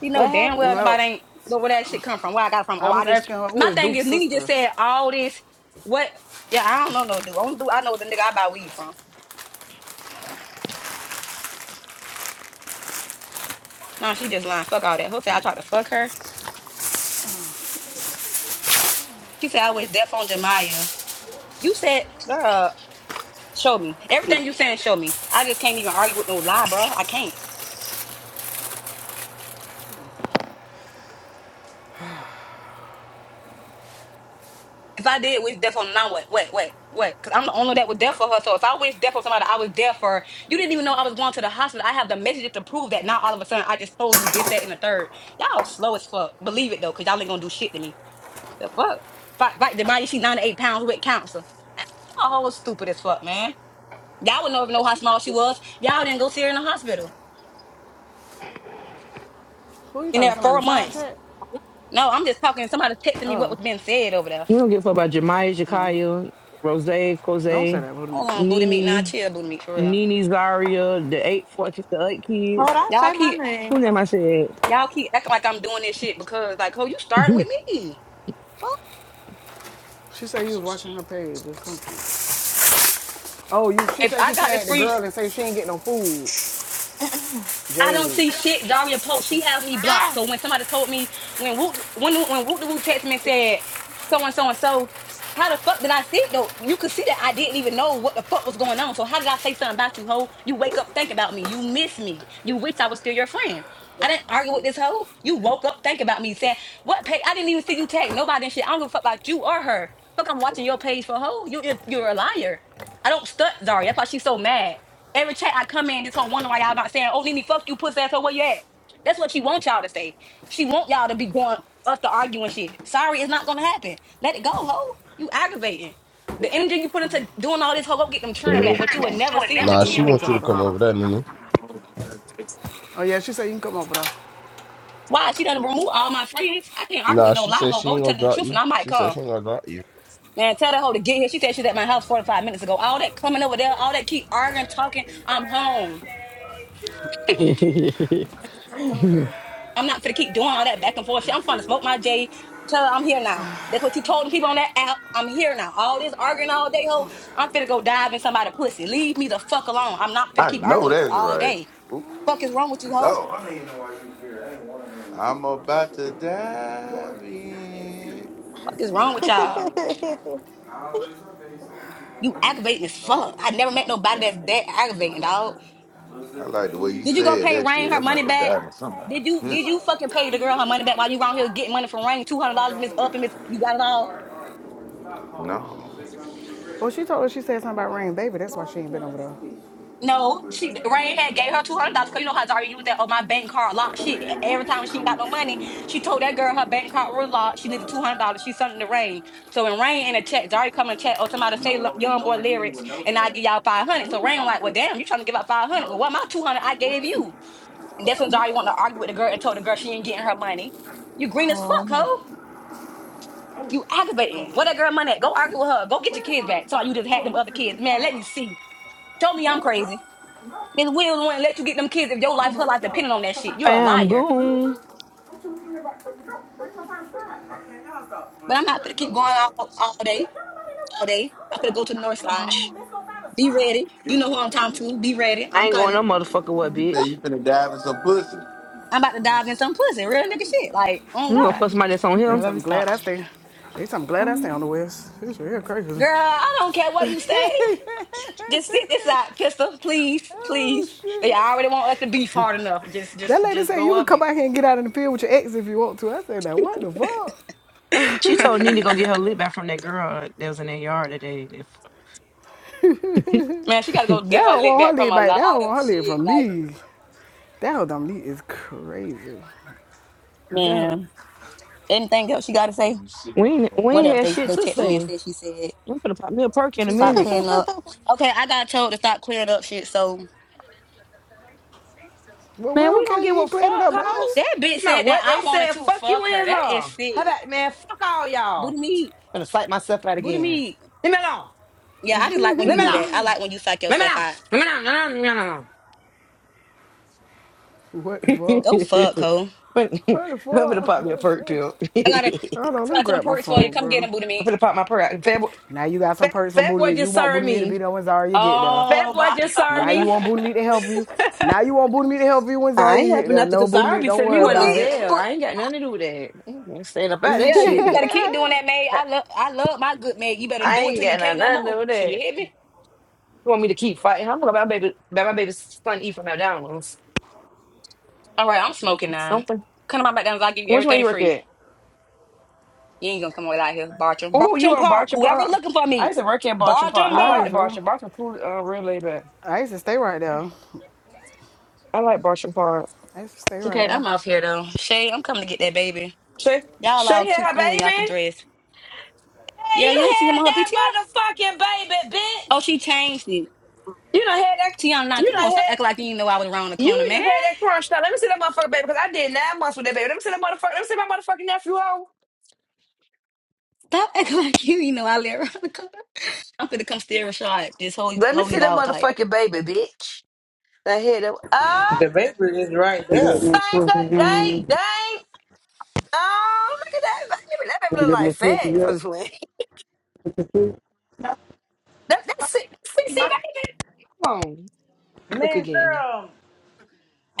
[SPEAKER 2] You know
[SPEAKER 11] What
[SPEAKER 2] damn well
[SPEAKER 11] happened?
[SPEAKER 10] No,
[SPEAKER 2] nobody ain't know where that shit come from, where I got it from.
[SPEAKER 10] I
[SPEAKER 2] Oh, I
[SPEAKER 10] was
[SPEAKER 2] just
[SPEAKER 10] asking her who
[SPEAKER 2] my
[SPEAKER 10] is
[SPEAKER 2] thing
[SPEAKER 10] Duke's
[SPEAKER 2] is Nene just
[SPEAKER 10] sister.
[SPEAKER 2] said all this. What yeah, I don't know no dude. Only dude I know is the nigga I buy weed from. Nah, she just lying. Fuck all that. Who said I tried to fuck her? She said I was deaf on Jemiah. You said, girl, show me. Everything you saying, show me. I just can't even argue with no lie, bro. I can't. If I did wish death on him, I what, wait, wait, wait, because I'm the only one that was there for her. So if I wish death on somebody, I was there for her. You didn't even know I was going to the hospital. I have the messages to prove that. Now all of a sudden, I just told you this, that, and the third. Y'all slow as fuck. Believe it though, because y'all ain't gonna do shit to me. The fuck? Fight, fight. Demaya, she 98 pounds with cancer. Oh, stupid as fuck, man. Y'all would never know how small she was. Y'all didn't go see her in the hospital
[SPEAKER 10] Who are you
[SPEAKER 2] in
[SPEAKER 10] talking? to?
[SPEAKER 2] there
[SPEAKER 10] Somebody on
[SPEAKER 2] four
[SPEAKER 10] the side
[SPEAKER 2] months.
[SPEAKER 10] chat?
[SPEAKER 2] No, I'm just talking. Somebody texting me what
[SPEAKER 10] Oh,
[SPEAKER 2] was being said over there.
[SPEAKER 6] You don't give a fuck about Jemiah, Jakaya, Rose,
[SPEAKER 10] don't say
[SPEAKER 6] Cose,
[SPEAKER 10] that. Wait a
[SPEAKER 2] Hold
[SPEAKER 10] minute.
[SPEAKER 2] on, booty meat. Nah,
[SPEAKER 6] Nene,
[SPEAKER 2] chill, booty meat for real.
[SPEAKER 6] Nene Zaria, the eight, four, the eight kids.
[SPEAKER 11] Hold on,
[SPEAKER 2] Y'all
[SPEAKER 11] say my
[SPEAKER 2] keep
[SPEAKER 6] Who
[SPEAKER 11] name.
[SPEAKER 6] name I said?
[SPEAKER 2] Y'all keep acting like I'm doing this shit because, like, oh, you
[SPEAKER 6] [laughs]
[SPEAKER 2] starting with me. Fuck.
[SPEAKER 10] She said you was watching her page or something. Oh, you? She
[SPEAKER 2] If
[SPEAKER 10] said she
[SPEAKER 2] I got the
[SPEAKER 10] tagged the
[SPEAKER 2] free,
[SPEAKER 10] girl and said she ain't get no food.
[SPEAKER 11] [clears throat]
[SPEAKER 2] I don't
[SPEAKER 10] Jade,
[SPEAKER 2] see shit Zaria post. She has me blocked.
[SPEAKER 11] Ah!
[SPEAKER 2] So when somebody told me when Woot when when Woot the Woo texted me and said so and so and so, how the fuck did I see it though? You could see that I didn't even know what the fuck was going on. So how did I say something about you, hoe? You wake up think about me. You miss me. You wish I was still your friend. I didn't argue with this hoe. You woke up think about me. Said what page? I didn't even see you tag nobody and shit. I don't give a fuck about you or her. Fuck, I'm watching your page for hoe. You you're, you're a liar. I don't stunt Zaria. That's why she's so mad. Every chat I come in, this whole wondering why y'all not saying, "Oh, Nene, fuck you, pussy ass, hoe, where you at?" That's what she want y'all to say. She want y'all to be going us to arguing shit. Sorry, it's not gonna happen. Let it go, hoe. You aggravating. The energy you put into doing all this, hoe, go get them turned back, but you would never see them
[SPEAKER 9] Nah,
[SPEAKER 10] come
[SPEAKER 9] she
[SPEAKER 2] again.
[SPEAKER 10] on,
[SPEAKER 9] want you to
[SPEAKER 10] gelato.
[SPEAKER 9] come over there, Nene.
[SPEAKER 10] Oh yeah, she said you can come over there.
[SPEAKER 2] Why? She done remove all my friends. I can't argue with
[SPEAKER 9] Nah,
[SPEAKER 2] no
[SPEAKER 9] she
[SPEAKER 2] lie,
[SPEAKER 9] said
[SPEAKER 2] hoe.
[SPEAKER 9] she
[SPEAKER 2] Go to
[SPEAKER 9] ain't
[SPEAKER 2] tell
[SPEAKER 9] gonna
[SPEAKER 2] them the
[SPEAKER 9] drop
[SPEAKER 2] truth, and
[SPEAKER 9] you.
[SPEAKER 2] I might
[SPEAKER 9] She said
[SPEAKER 2] come.
[SPEAKER 9] she ain't gonna drop you.
[SPEAKER 2] Man, tell that hoe to get here. She said she's at my house 45 minutes ago. All that coming over there, all that keep arguing, talking. I'm home. I'm not gonna keep doing all that back and forth shit. I'm finna smoke my J. Tell her I'm here now. That's what you told the people on that app. I'm here now. All this arguing all day, ho. I'm finna go dive in somebody's pussy. Leave me the fuck alone. I'm not finna
[SPEAKER 13] I
[SPEAKER 2] keep
[SPEAKER 13] know
[SPEAKER 2] arguing with you
[SPEAKER 13] that's
[SPEAKER 2] all
[SPEAKER 13] right.
[SPEAKER 2] day. Fuck is
[SPEAKER 13] Ooh,
[SPEAKER 2] wrong with you, ho?
[SPEAKER 13] Lord, I'm about to dive in.
[SPEAKER 2] Fuck is wrong with
[SPEAKER 11] [laughs]
[SPEAKER 2] y'all? You aggravating as fuck. I never met nobody that's that aggravating, dog.
[SPEAKER 13] I like the way you
[SPEAKER 2] Did you go
[SPEAKER 13] said
[SPEAKER 2] pay
[SPEAKER 13] that shit.
[SPEAKER 2] Rain her
[SPEAKER 13] I'm
[SPEAKER 2] money
[SPEAKER 13] about to
[SPEAKER 2] back?
[SPEAKER 13] dive in somebody
[SPEAKER 2] Did you did
[SPEAKER 13] pussy.
[SPEAKER 2] you fucking pay the girl her money back while you around here getting money from Rain? Two hundred dollars, Miss Up and Miss you got it all.
[SPEAKER 10] All right, all right. Stop calling. Say
[SPEAKER 13] No,
[SPEAKER 10] something. Well, she told her she said something about rain, baby. That's why she ain't been over there.
[SPEAKER 2] No, she Rain had gave her two hundred dollars because you know how Daria used that on my bank card locked. She
[SPEAKER 10] May your
[SPEAKER 2] every
[SPEAKER 10] wish
[SPEAKER 2] time she ain't got
[SPEAKER 10] come
[SPEAKER 2] no money,
[SPEAKER 10] true.
[SPEAKER 2] she told that girl her bank card was locked. She needed two hundred dollars. She sent it to Rain. So when Rain in a chat, Daria come in the chat Oh, somebody
[SPEAKER 10] No,
[SPEAKER 2] say "Look,
[SPEAKER 10] okay,
[SPEAKER 2] young
[SPEAKER 10] no
[SPEAKER 2] boy
[SPEAKER 10] one hit me
[SPEAKER 2] lyrics,
[SPEAKER 10] with no
[SPEAKER 2] and I
[SPEAKER 10] saying.
[SPEAKER 2] give y'all five
[SPEAKER 10] Now,
[SPEAKER 2] hundred.
[SPEAKER 10] who
[SPEAKER 2] So
[SPEAKER 10] are you
[SPEAKER 2] Rain
[SPEAKER 10] talking
[SPEAKER 2] like, well, damn, you
[SPEAKER 10] to?
[SPEAKER 2] trying to give out five hundred?
[SPEAKER 10] Nova.
[SPEAKER 2] Well, what my two hundred I
[SPEAKER 10] Where
[SPEAKER 2] gave
[SPEAKER 10] is he?
[SPEAKER 2] you? And
[SPEAKER 10] Who
[SPEAKER 2] that's
[SPEAKER 10] is
[SPEAKER 2] when Daria
[SPEAKER 10] Nova?
[SPEAKER 2] wanted to argue with the girl and told the girl she ain't getting her money. You green
[SPEAKER 10] What?
[SPEAKER 2] as fuck, ho.
[SPEAKER 11] Oh.
[SPEAKER 10] don't know.
[SPEAKER 2] You
[SPEAKER 10] I don't
[SPEAKER 2] aggravating.
[SPEAKER 10] know.
[SPEAKER 2] Where that girl money at? Go
[SPEAKER 10] No,
[SPEAKER 2] argue with her. Go get your
[SPEAKER 10] what's
[SPEAKER 2] kids
[SPEAKER 10] behind
[SPEAKER 2] back. So you just had
[SPEAKER 10] Boy,
[SPEAKER 2] them
[SPEAKER 10] you
[SPEAKER 2] other
[SPEAKER 10] tripping. What you
[SPEAKER 2] kids. Man,
[SPEAKER 10] talking
[SPEAKER 2] let me
[SPEAKER 10] about?
[SPEAKER 2] see.
[SPEAKER 10] What
[SPEAKER 2] Show me I'm
[SPEAKER 10] You good, bro?
[SPEAKER 2] crazy.
[SPEAKER 10] No.
[SPEAKER 2] Miss Williams wouldn't let you get them kids if your
[SPEAKER 10] I don't
[SPEAKER 2] life, her
[SPEAKER 10] know
[SPEAKER 2] life
[SPEAKER 10] stuff.
[SPEAKER 2] depended on
[SPEAKER 10] What's
[SPEAKER 2] that
[SPEAKER 10] the
[SPEAKER 2] shit.
[SPEAKER 10] fact
[SPEAKER 2] You're a
[SPEAKER 10] that?
[SPEAKER 6] Bam,
[SPEAKER 2] liar.
[SPEAKER 10] Really, bro?
[SPEAKER 6] Goon.
[SPEAKER 10] What you thinking about? Where's my find spot? What
[SPEAKER 2] But I'm not gonna keep going all, all
[SPEAKER 10] what
[SPEAKER 2] day,
[SPEAKER 10] are
[SPEAKER 2] all
[SPEAKER 10] you
[SPEAKER 2] day. I'm
[SPEAKER 10] talking
[SPEAKER 2] gonna go
[SPEAKER 10] about?
[SPEAKER 2] to the north
[SPEAKER 10] Come
[SPEAKER 2] side.
[SPEAKER 10] on, let's go find a
[SPEAKER 2] Be
[SPEAKER 10] spot.
[SPEAKER 2] ready. You know who I'm talking to. Be ready.
[SPEAKER 6] I
[SPEAKER 2] I'm
[SPEAKER 6] ain't going no
[SPEAKER 2] coming.
[SPEAKER 6] motherfucker what,
[SPEAKER 13] you say
[SPEAKER 2] Well,
[SPEAKER 6] bitch.
[SPEAKER 13] you finna dive in some pussy.
[SPEAKER 2] I'm about to dive in some pussy, real nigga shit. Like, oh
[SPEAKER 6] You gonna
[SPEAKER 2] God.
[SPEAKER 6] put somebody that's on
[SPEAKER 10] They
[SPEAKER 2] Come
[SPEAKER 6] him?
[SPEAKER 2] on,
[SPEAKER 10] tell
[SPEAKER 2] Let me
[SPEAKER 10] me glad
[SPEAKER 2] stop.
[SPEAKER 10] I stay. They tell me glad I stay on the west. This real crazy.
[SPEAKER 2] Girl, I don't care what
[SPEAKER 10] [laughs]
[SPEAKER 2] you say. Just sit this out, pistol. Please,
[SPEAKER 10] oh
[SPEAKER 2] please. They
[SPEAKER 10] shit.
[SPEAKER 2] already want us to beef hard enough. Just,
[SPEAKER 10] That
[SPEAKER 2] just,
[SPEAKER 10] lady
[SPEAKER 2] just
[SPEAKER 10] said
[SPEAKER 2] go
[SPEAKER 10] you could
[SPEAKER 2] up,
[SPEAKER 10] come
[SPEAKER 2] you.
[SPEAKER 10] out here and get out in the field with your ex if you want to. I said, now what the
[SPEAKER 6] She
[SPEAKER 2] [laughs]
[SPEAKER 10] fuck?
[SPEAKER 6] told
[SPEAKER 10] [laughs]
[SPEAKER 6] Nene to go get her lip back from that girl that was in that yard that day.
[SPEAKER 2] Man, she gotta go
[SPEAKER 10] They
[SPEAKER 2] get her
[SPEAKER 10] don't
[SPEAKER 2] lit back
[SPEAKER 10] want her
[SPEAKER 2] from
[SPEAKER 10] leg
[SPEAKER 2] a
[SPEAKER 10] back.
[SPEAKER 2] lot
[SPEAKER 10] They don't
[SPEAKER 2] of
[SPEAKER 10] want her leg
[SPEAKER 2] shit.
[SPEAKER 10] from
[SPEAKER 2] Like,
[SPEAKER 10] me. That whole dumb leg is crazy. That
[SPEAKER 2] man, anything else you gotta say?
[SPEAKER 6] We ain't, we
[SPEAKER 2] what
[SPEAKER 6] ain't
[SPEAKER 2] else?
[SPEAKER 6] had
[SPEAKER 2] They
[SPEAKER 6] shit
[SPEAKER 2] they
[SPEAKER 6] to
[SPEAKER 2] texted me
[SPEAKER 10] whew,
[SPEAKER 2] and
[SPEAKER 6] say.
[SPEAKER 2] said she said
[SPEAKER 6] I'm gonna pop me a perk in a
[SPEAKER 10] she
[SPEAKER 2] stop
[SPEAKER 6] minute.
[SPEAKER 10] says,
[SPEAKER 2] clearing up. Okay, I got told to stop clearing up shit. So
[SPEAKER 10] well,
[SPEAKER 6] Man,
[SPEAKER 10] well,
[SPEAKER 6] we don't
[SPEAKER 10] okay,
[SPEAKER 6] give
[SPEAKER 10] you
[SPEAKER 6] a
[SPEAKER 10] ain't
[SPEAKER 6] fuck,
[SPEAKER 10] cleaned it up to
[SPEAKER 6] hoe.
[SPEAKER 10] us.
[SPEAKER 2] that
[SPEAKER 6] It's
[SPEAKER 2] bitch
[SPEAKER 6] about
[SPEAKER 2] said that
[SPEAKER 6] what they
[SPEAKER 2] I wanted
[SPEAKER 6] said.
[SPEAKER 2] to
[SPEAKER 6] Fuck you
[SPEAKER 2] fuck her.
[SPEAKER 6] and
[SPEAKER 2] That is
[SPEAKER 6] her. How
[SPEAKER 2] sick.
[SPEAKER 6] about, man? Fuck all y'all.
[SPEAKER 2] Booty meat
[SPEAKER 6] I'm gonna fight myself out
[SPEAKER 2] booty
[SPEAKER 6] again.
[SPEAKER 2] meat
[SPEAKER 6] Leave me alone.
[SPEAKER 2] Yeah, I just like when you
[SPEAKER 6] Leave me
[SPEAKER 2] do
[SPEAKER 6] alone.
[SPEAKER 2] that. I like when you psych
[SPEAKER 6] Leave me
[SPEAKER 2] yourself out.
[SPEAKER 6] alone. Leave me alone. Leave me alone.
[SPEAKER 10] What the
[SPEAKER 6] Leave
[SPEAKER 10] fuck?
[SPEAKER 2] Go
[SPEAKER 6] me
[SPEAKER 2] fuck,
[SPEAKER 6] alone. [laughs]
[SPEAKER 2] ho.
[SPEAKER 6] But- I'm
[SPEAKER 10] What the
[SPEAKER 6] gonna pop me
[SPEAKER 10] fuck?
[SPEAKER 6] a perk pill. [laughs]
[SPEAKER 2] I got a,
[SPEAKER 10] Hold on,
[SPEAKER 6] I'm
[SPEAKER 2] I
[SPEAKER 10] let me
[SPEAKER 2] got some
[SPEAKER 10] grab my
[SPEAKER 2] perks for you.
[SPEAKER 10] phone,
[SPEAKER 2] Come get
[SPEAKER 10] bro.
[SPEAKER 2] them, booty meat.
[SPEAKER 6] gonna pop my perk out. Fat boy,
[SPEAKER 10] Now you got some
[SPEAKER 6] fat,
[SPEAKER 10] perks from
[SPEAKER 6] fat
[SPEAKER 10] Booty
[SPEAKER 6] boy
[SPEAKER 10] Meat. You
[SPEAKER 6] just
[SPEAKER 10] want
[SPEAKER 6] served
[SPEAKER 10] Booty Meat to
[SPEAKER 6] me.
[SPEAKER 10] be there when Zaria get there.
[SPEAKER 6] Fat
[SPEAKER 2] Oh
[SPEAKER 6] boy
[SPEAKER 2] my
[SPEAKER 6] just served
[SPEAKER 10] Now
[SPEAKER 2] god,
[SPEAKER 10] you
[SPEAKER 6] me.
[SPEAKER 10] want Booty Meat to help you.
[SPEAKER 2] [laughs]
[SPEAKER 10] Now you want Booty Meat to help you when
[SPEAKER 6] I ain't
[SPEAKER 10] Zaria get
[SPEAKER 6] helping
[SPEAKER 10] there.
[SPEAKER 6] nothing
[SPEAKER 10] No,
[SPEAKER 6] because I
[SPEAKER 10] Booty Meat,
[SPEAKER 6] already
[SPEAKER 10] don't
[SPEAKER 6] sent me
[SPEAKER 10] worry
[SPEAKER 6] money.
[SPEAKER 2] booty
[SPEAKER 6] of those
[SPEAKER 10] about
[SPEAKER 2] meat.
[SPEAKER 10] it.
[SPEAKER 6] there.
[SPEAKER 2] But
[SPEAKER 6] I ain't got nothing to do with that. I ain't saying about that
[SPEAKER 2] yeah, you, you
[SPEAKER 6] shit.
[SPEAKER 2] gotta keep doing
[SPEAKER 10] [laughs]
[SPEAKER 2] that, maid.
[SPEAKER 6] [laughs]
[SPEAKER 2] I love, I love my good maid. You better
[SPEAKER 6] I
[SPEAKER 2] do it
[SPEAKER 6] ain't
[SPEAKER 2] till you
[SPEAKER 6] got nothing
[SPEAKER 2] can't no
[SPEAKER 6] nothing to do
[SPEAKER 2] more.
[SPEAKER 6] with
[SPEAKER 2] [laughs] You
[SPEAKER 6] that.
[SPEAKER 2] hear me?
[SPEAKER 6] You want me to keep fighting? I'm gonna let my baby let my baby's son eat from McDonald's.
[SPEAKER 2] All right, I'm smoking now.
[SPEAKER 6] Something.
[SPEAKER 2] Come to my McDonald's, I'll give you
[SPEAKER 6] Which one you
[SPEAKER 2] everything
[SPEAKER 6] work
[SPEAKER 2] free.
[SPEAKER 6] at?
[SPEAKER 2] You ain't gonna come away out here. Bartram.
[SPEAKER 6] Oh, you
[SPEAKER 2] Bartram
[SPEAKER 6] on
[SPEAKER 2] Park.
[SPEAKER 6] Bartram
[SPEAKER 2] Whoever
[SPEAKER 6] Park?
[SPEAKER 2] looking for
[SPEAKER 6] I
[SPEAKER 2] me.
[SPEAKER 6] used to work at Bartram Park.
[SPEAKER 2] Bartram
[SPEAKER 6] I
[SPEAKER 10] Why
[SPEAKER 6] like the
[SPEAKER 10] this,
[SPEAKER 2] Park.
[SPEAKER 10] bro?
[SPEAKER 6] Bartram. Bartram cool uh real laid back.
[SPEAKER 10] I used to stay right there.
[SPEAKER 6] I like Bartram Park.
[SPEAKER 10] I used to stay right
[SPEAKER 2] Okay,
[SPEAKER 10] there.
[SPEAKER 2] I'm off here though. Shay, I'm coming to get that baby.
[SPEAKER 6] Shay
[SPEAKER 2] Y'all
[SPEAKER 6] Shay
[SPEAKER 2] all cute,
[SPEAKER 6] had her
[SPEAKER 2] cool, and y'all can
[SPEAKER 6] baby.
[SPEAKER 2] dress.
[SPEAKER 6] Hey,
[SPEAKER 2] Yeah, you
[SPEAKER 6] you
[SPEAKER 2] don't see him
[SPEAKER 6] had
[SPEAKER 2] on her
[SPEAKER 6] that
[SPEAKER 2] PTR?
[SPEAKER 6] motherfucking baby,
[SPEAKER 2] Oh,
[SPEAKER 6] bitch.
[SPEAKER 2] she changed it.
[SPEAKER 6] You done had that
[SPEAKER 2] Tiana, now
[SPEAKER 6] you
[SPEAKER 2] come on,
[SPEAKER 6] done
[SPEAKER 2] stop
[SPEAKER 6] had
[SPEAKER 2] acting like you didn't know I was around the corner,
[SPEAKER 6] you
[SPEAKER 2] man.
[SPEAKER 6] just had that crunch now. Let me see that motherfucking baby because I did nine months with that baby. Let me see that motherfucker. Let me see my motherfucking nephew. Oh,
[SPEAKER 2] Stop acting [laughs] like you you know I live around the corner. I'm finna come steer a shot. This whole holy
[SPEAKER 6] Let me
[SPEAKER 2] holy
[SPEAKER 6] see that
[SPEAKER 2] dog type.
[SPEAKER 6] motherfucking baby, bitch. The hit of oh,
[SPEAKER 4] The bakery is
[SPEAKER 7] I
[SPEAKER 4] right
[SPEAKER 7] get
[SPEAKER 4] there.
[SPEAKER 7] no
[SPEAKER 6] thank
[SPEAKER 7] pussy,
[SPEAKER 6] a dang dang. Oh, look at that baby. That baby look like
[SPEAKER 7] no
[SPEAKER 6] fat. I'm
[SPEAKER 7] yet.
[SPEAKER 6] just playing. [laughs]
[SPEAKER 7] No,
[SPEAKER 6] That that's it. That's
[SPEAKER 7] she
[SPEAKER 6] sexy baby. Come on, look again.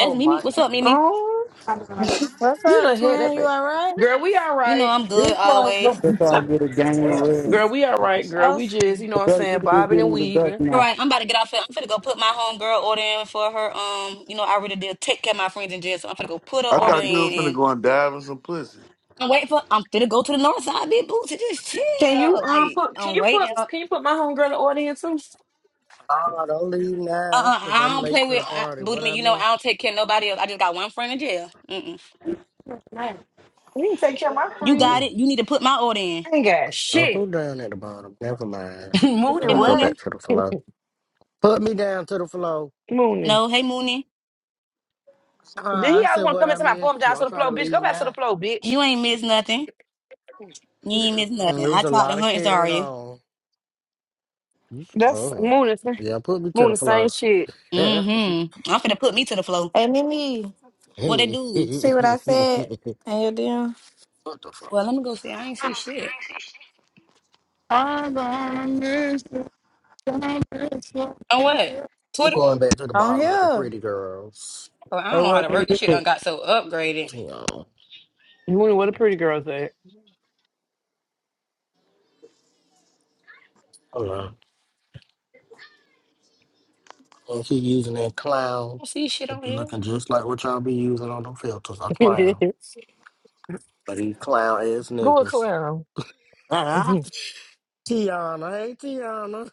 [SPEAKER 2] That's
[SPEAKER 4] my
[SPEAKER 2] Mimi. What's
[SPEAKER 4] god.
[SPEAKER 2] up, Mimi?
[SPEAKER 6] Oh,
[SPEAKER 7] not be right.
[SPEAKER 11] What's
[SPEAKER 6] you
[SPEAKER 11] up,
[SPEAKER 6] done hit
[SPEAKER 11] twin?
[SPEAKER 6] that
[SPEAKER 11] You
[SPEAKER 6] baby.
[SPEAKER 11] alright?
[SPEAKER 6] Girl, we all
[SPEAKER 2] You know
[SPEAKER 6] right.
[SPEAKER 2] I'm
[SPEAKER 4] This
[SPEAKER 2] good always.
[SPEAKER 4] motherfucker.
[SPEAKER 7] That's how I get a gang red.
[SPEAKER 6] Girl, we all right. Girl, we just you know
[SPEAKER 7] I
[SPEAKER 6] what I'm
[SPEAKER 7] bet you
[SPEAKER 6] saying,
[SPEAKER 7] can just
[SPEAKER 6] bobbing
[SPEAKER 7] give
[SPEAKER 6] and
[SPEAKER 7] me the dust
[SPEAKER 6] weaving.
[SPEAKER 2] All
[SPEAKER 7] now.
[SPEAKER 2] right, I'm about to get off here. I'm finna go put my homegirl order in for her. Um, you know, I really did take care of my friends in jail, so I'm finna go put her
[SPEAKER 13] I
[SPEAKER 2] order
[SPEAKER 13] thought you was finna
[SPEAKER 2] in and
[SPEAKER 13] go and dive in some pussy.
[SPEAKER 2] I'm waiting for I'm finna go to the north side, big booty, just
[SPEAKER 6] Can you
[SPEAKER 2] chill.
[SPEAKER 6] um
[SPEAKER 2] Like
[SPEAKER 6] put can
[SPEAKER 2] I'm
[SPEAKER 6] you put
[SPEAKER 2] waiting. Uh,
[SPEAKER 6] can you put my homegirl in the audience too?
[SPEAKER 14] Oh, don't leave
[SPEAKER 2] uh,
[SPEAKER 14] now,
[SPEAKER 2] uh,
[SPEAKER 14] cause
[SPEAKER 2] I
[SPEAKER 14] I'm
[SPEAKER 2] don't
[SPEAKER 14] late
[SPEAKER 2] play
[SPEAKER 14] to the
[SPEAKER 2] with I,
[SPEAKER 14] party.
[SPEAKER 2] booty
[SPEAKER 14] What
[SPEAKER 2] me.
[SPEAKER 14] I
[SPEAKER 2] You know, I
[SPEAKER 14] miss?
[SPEAKER 2] don't take care of nobody else. I just got one friend in jail. Mm-mm.
[SPEAKER 7] Right.
[SPEAKER 6] You can take care of my
[SPEAKER 2] You
[SPEAKER 6] friend.
[SPEAKER 2] got
[SPEAKER 14] Mm-mm.
[SPEAKER 2] it. You need to put my order in.
[SPEAKER 6] I ain't got
[SPEAKER 14] Oh, who
[SPEAKER 6] shit.
[SPEAKER 14] down at the bottom? Never mind.
[SPEAKER 6] [laughs] Mooney
[SPEAKER 2] Hey
[SPEAKER 14] Let's go
[SPEAKER 6] what?
[SPEAKER 14] back
[SPEAKER 2] Mooney,
[SPEAKER 14] to the flow. Put me down to the flow.
[SPEAKER 6] Mooney.
[SPEAKER 2] no, hey Mooney,
[SPEAKER 6] Then
[SPEAKER 14] Uh,
[SPEAKER 6] he
[SPEAKER 14] I
[SPEAKER 6] always
[SPEAKER 14] said
[SPEAKER 6] want to
[SPEAKER 14] what
[SPEAKER 6] come
[SPEAKER 14] I
[SPEAKER 6] into my
[SPEAKER 14] miss.
[SPEAKER 6] form down to
[SPEAKER 14] Don't
[SPEAKER 6] the
[SPEAKER 14] try to
[SPEAKER 6] floor, bitch. Go
[SPEAKER 14] leave
[SPEAKER 6] back to
[SPEAKER 14] now.
[SPEAKER 6] the floor, bitch.
[SPEAKER 2] you ain't miss nothing. You ain't miss
[SPEAKER 14] Mm-mm.
[SPEAKER 2] nothing.
[SPEAKER 14] There
[SPEAKER 2] I
[SPEAKER 14] was a
[SPEAKER 2] tried to
[SPEAKER 14] lot of
[SPEAKER 2] hunt.
[SPEAKER 14] carrying
[SPEAKER 2] Sorry.
[SPEAKER 14] on. You s-
[SPEAKER 6] That's
[SPEAKER 14] Oh,
[SPEAKER 6] Moon. is-
[SPEAKER 14] yeah. Put me to
[SPEAKER 6] Moon,
[SPEAKER 14] the
[SPEAKER 6] the same
[SPEAKER 14] flow.
[SPEAKER 6] shit.
[SPEAKER 14] [laughs] what
[SPEAKER 2] Mm-hmm. I'm finna put me to the floor.
[SPEAKER 11] Hey Mimi,
[SPEAKER 2] What they do?
[SPEAKER 11] see what I said in your DM?
[SPEAKER 14] the fuck?
[SPEAKER 2] Well, let me go see. I ain't see shit.
[SPEAKER 7] I'm gonna miss you. Gonna miss you.
[SPEAKER 2] know what?
[SPEAKER 14] I'm
[SPEAKER 2] Twitter.
[SPEAKER 14] going back to the
[SPEAKER 11] On
[SPEAKER 14] bottom with the
[SPEAKER 11] here.
[SPEAKER 14] pretty girls.
[SPEAKER 2] Oh, I
[SPEAKER 7] Hey,
[SPEAKER 2] don't know how
[SPEAKER 7] what?
[SPEAKER 2] to
[SPEAKER 7] do
[SPEAKER 2] work. This
[SPEAKER 7] you
[SPEAKER 2] shit
[SPEAKER 7] do?
[SPEAKER 2] done got so upgraded. I
[SPEAKER 14] Hang on.
[SPEAKER 6] Moon, what a pretty girl at?
[SPEAKER 14] Hold on. And he using that clown,
[SPEAKER 2] don't see shit
[SPEAKER 14] it
[SPEAKER 2] on
[SPEAKER 14] be
[SPEAKER 2] here.
[SPEAKER 14] looking just like what y'all be using on them filters, a
[SPEAKER 6] [laughs]
[SPEAKER 14] clown. But these clown ass
[SPEAKER 6] Go with
[SPEAKER 14] niggas.
[SPEAKER 6] Clara. [laughs]
[SPEAKER 14] [laughs] Tiana, hey Tiana.